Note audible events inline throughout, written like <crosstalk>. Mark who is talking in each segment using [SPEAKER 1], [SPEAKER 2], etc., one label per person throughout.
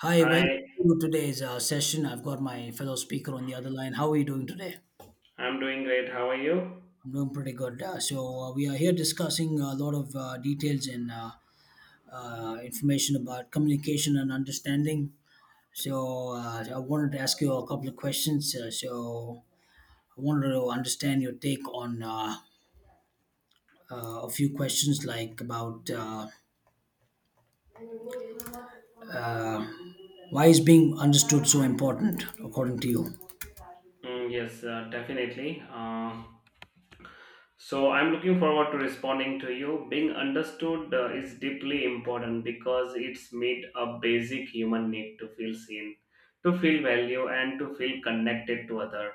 [SPEAKER 1] Hi, welcome
[SPEAKER 2] Hi,
[SPEAKER 1] to today's session. I've got my fellow speaker on the other line. How are you doing today?
[SPEAKER 2] I'm doing great. How are you?
[SPEAKER 1] I'm doing pretty good. We are here discussing a lot of details and information about communication and understanding. So I wanted to ask you a couple of questions. So I wanted to understand your take on uh, a few questions, like about uh, why is being understood so important according to you?
[SPEAKER 2] Mm, yes, definitely. So I'm looking forward to responding to you. Being understood is deeply important because it's meet a basic human need to feel seen, to feel value, and to feel connected to other.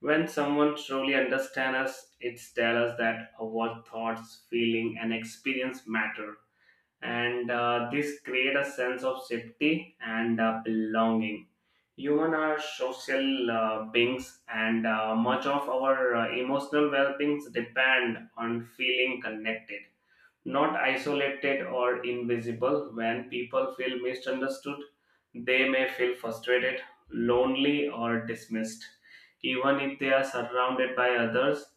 [SPEAKER 2] When someone truly understands us, it tells us that our thoughts, feeling, and experience matter, and this create a sense of safety and belonging. Human are social beings, and much of our emotional well beings depend on feeling connected, not isolated or invisible. When people feel misunderstood, they may feel frustrated, lonely, or dismissed. Even if they are surrounded by others,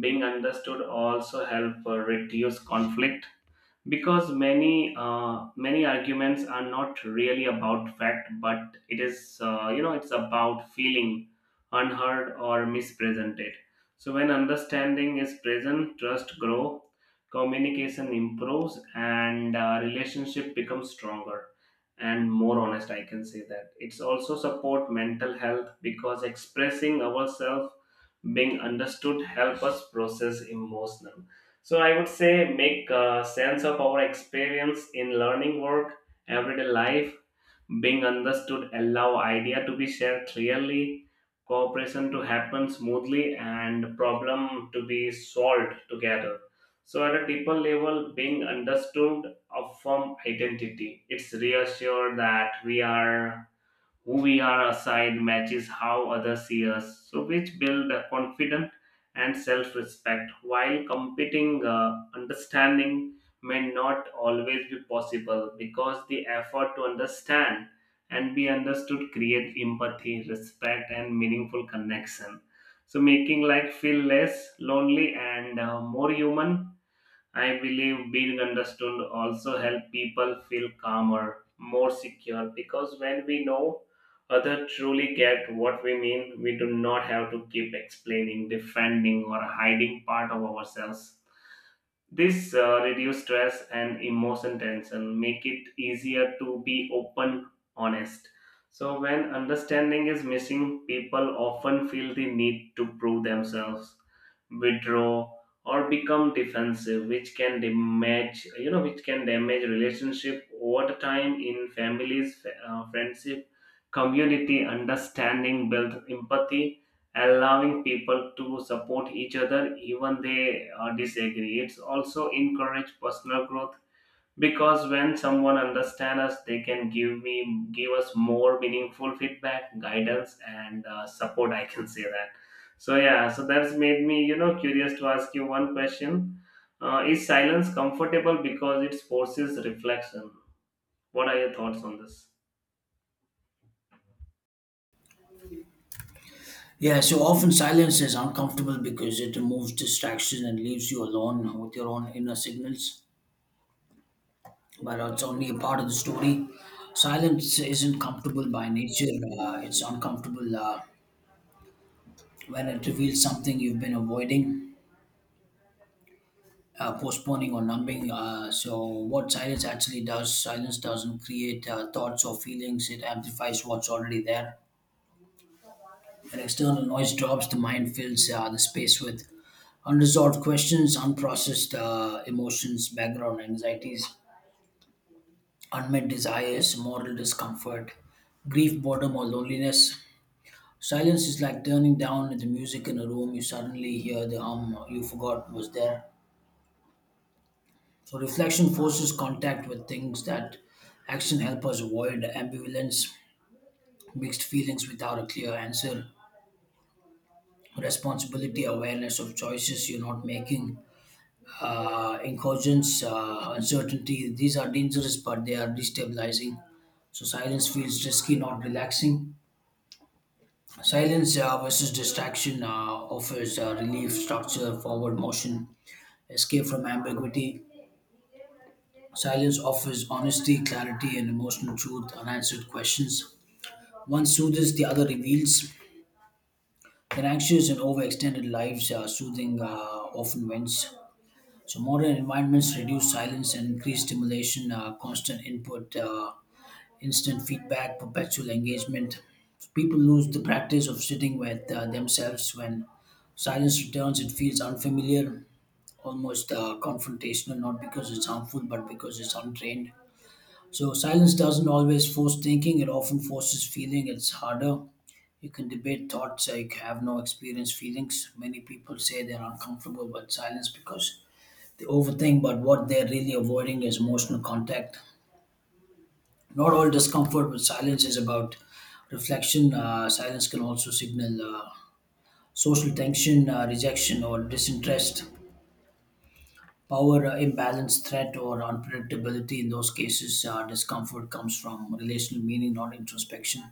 [SPEAKER 2] being understood also help reduce conflict because many arguments are not really about fact, but it is, it's about feeling unheard or mispresented. So when understanding is present, trust grow, communication improves, and relationship becomes stronger and more honest. I can say that it's also support mental health because expressing ourselves, being understood help us process emotional. So I would say make sense of our experience in learning work, everyday life, being understood, allow idea to be shared clearly, cooperation to happen smoothly, and problem to be solved together. So at a deeper level, being understood of firm identity, it's reassured that we are who we are assigned matches how others see us, so which build a confidence and self-respect. While competing, understanding may not always be possible because the effort to understand and be understood creates empathy, respect, and meaningful connection. So making life feel less lonely and more human. I believe being understood also help people feel calmer, more secure because when we know other truly get what we mean, we do not have to keep explaining, defending, or hiding part of ourselves. This reduce stress and emotion tension, make it easier to be open, honest. So when understanding is missing, people often feel the need to prove themselves, withdraw, or become defensive, which can damage relationship over the time. In families, friendship, community, understanding build empathy, allowing people to support each other, even they disagree. It's also encourage personal growth because when someone understands us, they can give us more meaningful feedback, guidance, and support. I can say that. So yeah, so that's made me, curious to ask you one question. Is silence comfortable because it forces reflection? What are your thoughts on this?
[SPEAKER 1] Yeah, so often silence is uncomfortable because it removes distraction and leaves you alone with your own inner signals, but it's only a part of the story. Silence isn't comfortable by nature, it's uncomfortable when it reveals something you've been avoiding, postponing, or numbing. So, what silence actually does, silence doesn't create thoughts or feelings, it amplifies what's already there. And external noise drops, the mind fills the space with unresolved questions, unprocessed emotions, background anxieties, unmet desires, moral discomfort, grief, boredom, or loneliness. Silence is like turning down the music in a room. You suddenly hear the hum you forgot was there. So reflection forces contact with things that action help us avoid ambivalence, mixed feelings without a clear answer, responsibility, awareness of choices you're not making, incursions, uncertainty. These are dangerous, but they are destabilizing. So silence feels risky, not relaxing. Silence versus distraction offers relief, structure, forward motion, escape from ambiguity. Silence offers honesty, clarity, and emotional truth, unanswered questions. One soothes, the other reveals. In anxious and overextended lives, soothing often wins. So modern environments reduce silence and increase stimulation, constant input, instant feedback, perpetual engagement. So people lose the practice of sitting with themselves when silence returns. It feels unfamiliar, almost confrontational, not because it's harmful, but because it's untrained. So silence doesn't always force thinking; it often forces feeling. It's harder. You can debate thoughts, you have no experience, feelings. Many people say they're uncomfortable with silence because they overthink, but what they're really avoiding is emotional contact. Not all discomfort with silence is about reflection. Silence can also signal social tension, rejection, or disinterest. Power imbalance, threat, or unpredictability. In those cases, discomfort comes from relational meaning, not introspection.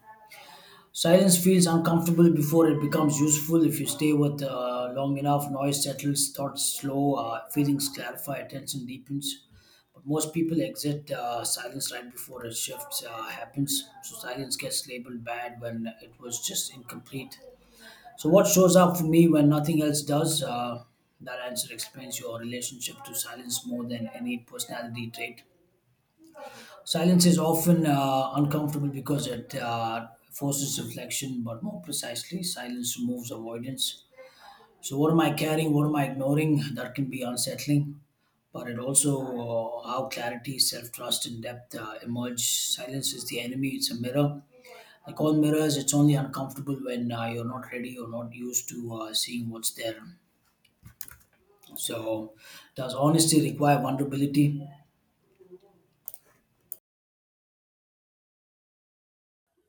[SPEAKER 1] Silence feels uncomfortable before it becomes useful. If you stay with long enough, noise settles, thoughts slow, feelings clarify, attention deepens. But most people exit silence right before a shift happens. So silence gets labeled bad when it was just incomplete. So what shows up for me when nothing else does? That answer explains your relationship to silence more than any personality trait. Silence is often uncomfortable because it forces reflection, but more precisely, silence removes avoidance. So, what am I carrying? What am I ignoring? That can be unsettling, but it also how clarity, self trust, and depth emerge. Silence is the enemy, it's a mirror. Like all mirrors, it's only uncomfortable when you're not ready or not used to seeing what's there. So, does honesty require vulnerability?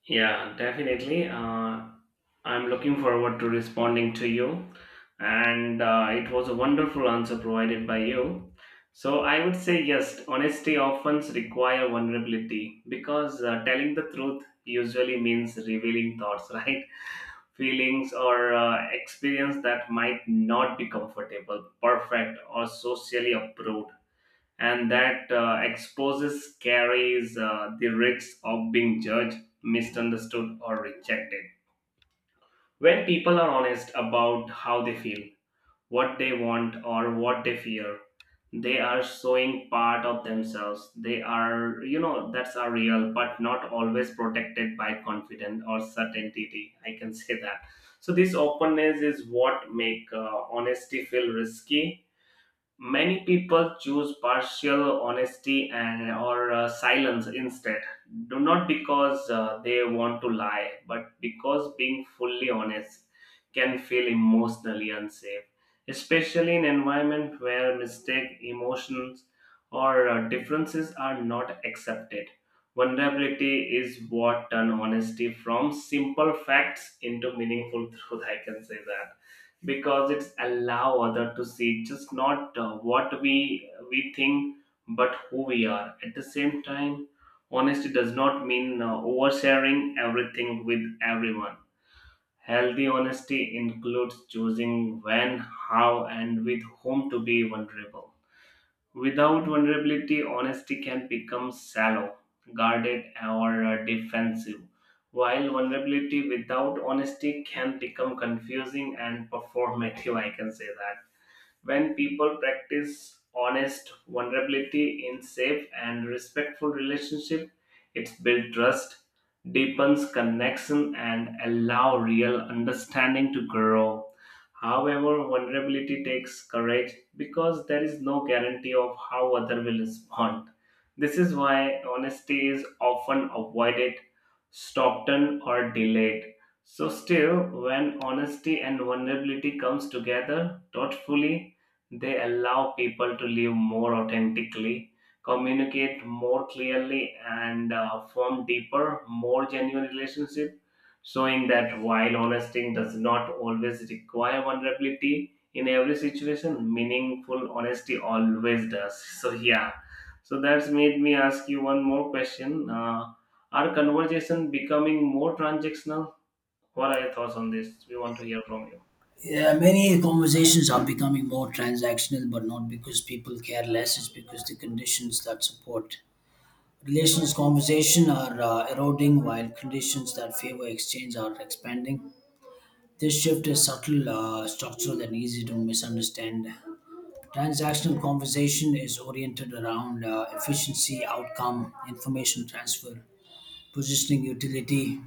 [SPEAKER 2] Yeah, definitely, I'm looking forward to responding to you. And it was a wonderful answer provided by you. So I would say yes, honesty often require vulnerability because telling the truth usually means revealing thoughts, <laughs> right? Feelings or experience that might not be comfortable, perfect, or socially approved. And that exposes carries the risks of being judged, misunderstood, or rejected. When people are honest about how they feel, what they want, or what they fear, they are showing part of themselves. They are, you know, that's are real, but not always protected by confidence or certainty. I can say that. So this openness is what make honesty feel risky. Many people choose partial honesty and or silence instead. Do not because they want to lie, but because being fully honest can feel emotionally unsafe, especially in environment where mistake, emotions, or differences are not accepted. Vulnerability is what turn honesty from simple facts into meaningful truth. I can say that because it's allow other to see just not what we think but who we are. At the same time, honesty does not mean oversharing everything with everyone. Healthy honesty includes choosing when, how, and with whom to be vulnerable. Without vulnerability, honesty can become shallow, guarded, or defensive, while vulnerability without honesty can become confusing and performative. I can say that when people practice honest vulnerability in safe and respectful relationship, it builds trust, deepens connection, and allow real understanding to grow. However, vulnerability takes courage because there is no guarantee of how other will respond. This is why honesty is often avoided, stopped on, or delayed. So still, when honesty and vulnerability comes together thoughtfully, they allow people to live more authentically, communicate more clearly, and form deeper, more genuine relationships, showing that while honesty does not always require vulnerability in every situation, meaningful honesty always does. So, yeah, so that's made me ask you one more question. Are conversation becoming more transactional? What are your thoughts on this? We want to hear from you.
[SPEAKER 1] Yeah, many conversations are becoming more transactional, but not because people care less, it's because the conditions that support relations conversation are eroding while conditions that favor exchange are expanding. This shift is subtle, structural, and easy to misunderstand. Transactional conversation is oriented around efficiency, outcome, information transfer, positioning, utility.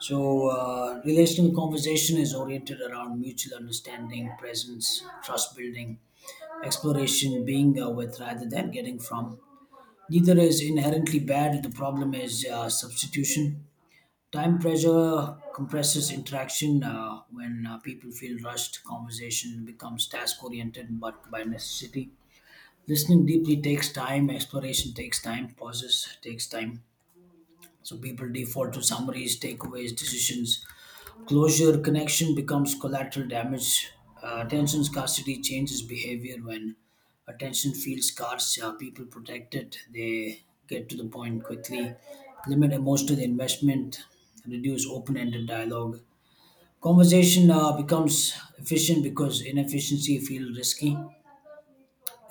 [SPEAKER 1] So, relational conversation is oriented around mutual understanding, presence, trust building, exploration, being with rather than getting from. Neither is inherently bad. The problem is substitution. Time pressure compresses interaction when people feel rushed. Conversation becomes task oriented but by necessity. Listening deeply takes time, exploration takes time, pauses takes time. So people default to summaries, takeaways, decisions. Closure connection becomes collateral damage. Attention scarcity changes behavior when attention feels scarce. People protect it, they get to the point quickly, limit emotional investment, reduce open ended dialogue. Conversation becomes efficient because inefficiency feels risky.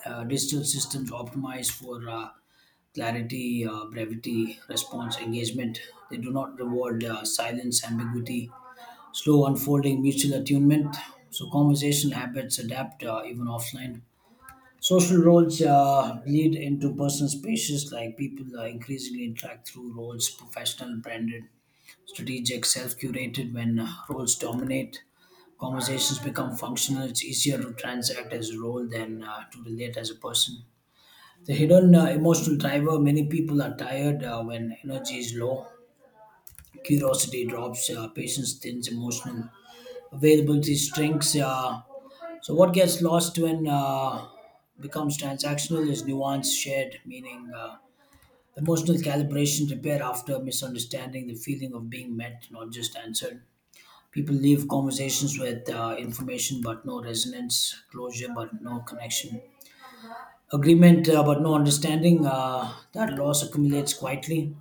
[SPEAKER 1] Digital systems optimize for clarity, brevity, response, engagement. They do not reward silence, ambiguity, slow unfolding, mutual attunement. So conversation habits adapt even offline. Social roles lead into personal spaces like people increasingly interact through roles, professional, branded, strategic, self-curated. When roles dominate, conversations become functional. It's easier to transact as a role than to relate as a person. The hidden emotional driver many people are tired when energy is low, curiosity drops, patience thins, emotional availability shrinks. So, what gets lost when becomes transactional is nuance, shared meaning, emotional calibration, repair after misunderstanding, the feeling of being met, not just answered. People leave conversations with information but no resonance, closure but no connection, agreement but no understanding, that loss accumulates quietly.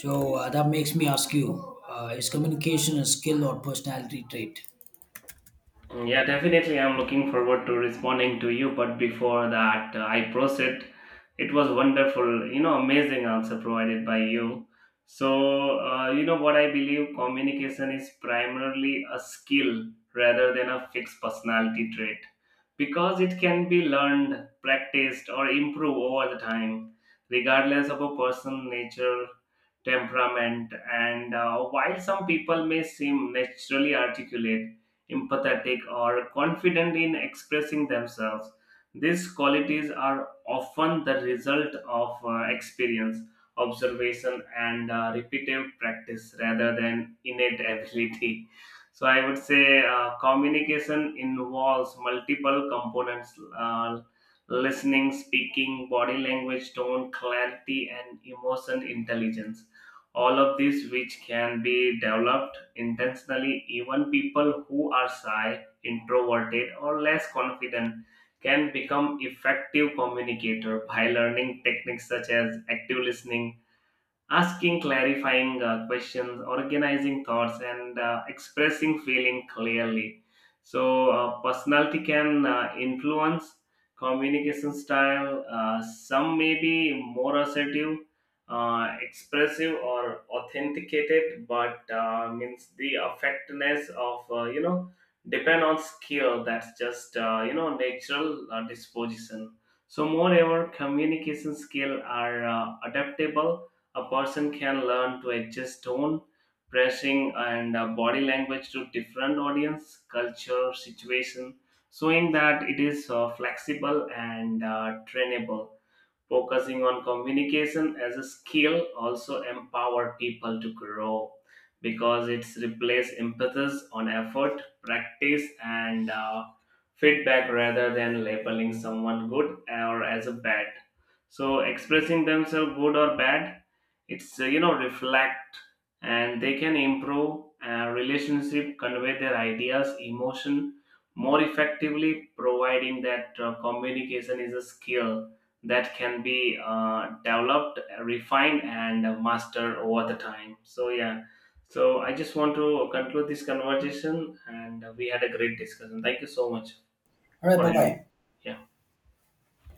[SPEAKER 1] So that makes me ask you, is communication a skill or personality trait?
[SPEAKER 2] Mm, yeah, definitely. I'm looking forward to responding to you. But before that, I proceed. It was wonderful, amazing answer provided by you. So, what I believe communication is primarily a skill rather than a fixed personality trait because it can be learned, practiced, or improved over the time, regardless of a person's nature, temperament. And while some people may seem naturally articulate, empathetic, or confident in expressing themselves. These qualities are often the result of experience, observation, and repetitive practice rather than innate ability. So, I would say communication involves multiple components. Listening, speaking, body language, tone, clarity, and emotion intelligence, all of these which can be developed intentionally. Even people who are shy, introverted, or less confident can become effective communicator by learning techniques such as active listening, asking clarifying questions, organizing thoughts, and expressing feeling clearly. So personality can influence communication style. Some may be more assertive, expressive, or authenticated, but means the effectiveness of, depend on skill that's just, natural disposition. So moreover, communication skill are adaptable. A person can learn to adjust tone, pressing, and body language to different audience, culture, situation, showing that it is flexible and trainable. Focusing on communication as a skill also empower people to grow because it's replace impetus on effort, practice, and feedback rather than labeling someone good or as a bad. So expressing themselves good or bad, it's, reflect, and they can improve relationship, convey their ideas, emotion more effectively, providing that communication is a skill that can be developed, refined, and mastered over the time. So yeah. So I just want to conclude this conversation, and we had a great discussion. Thank you so much. For him,
[SPEAKER 1] Why
[SPEAKER 2] yeah.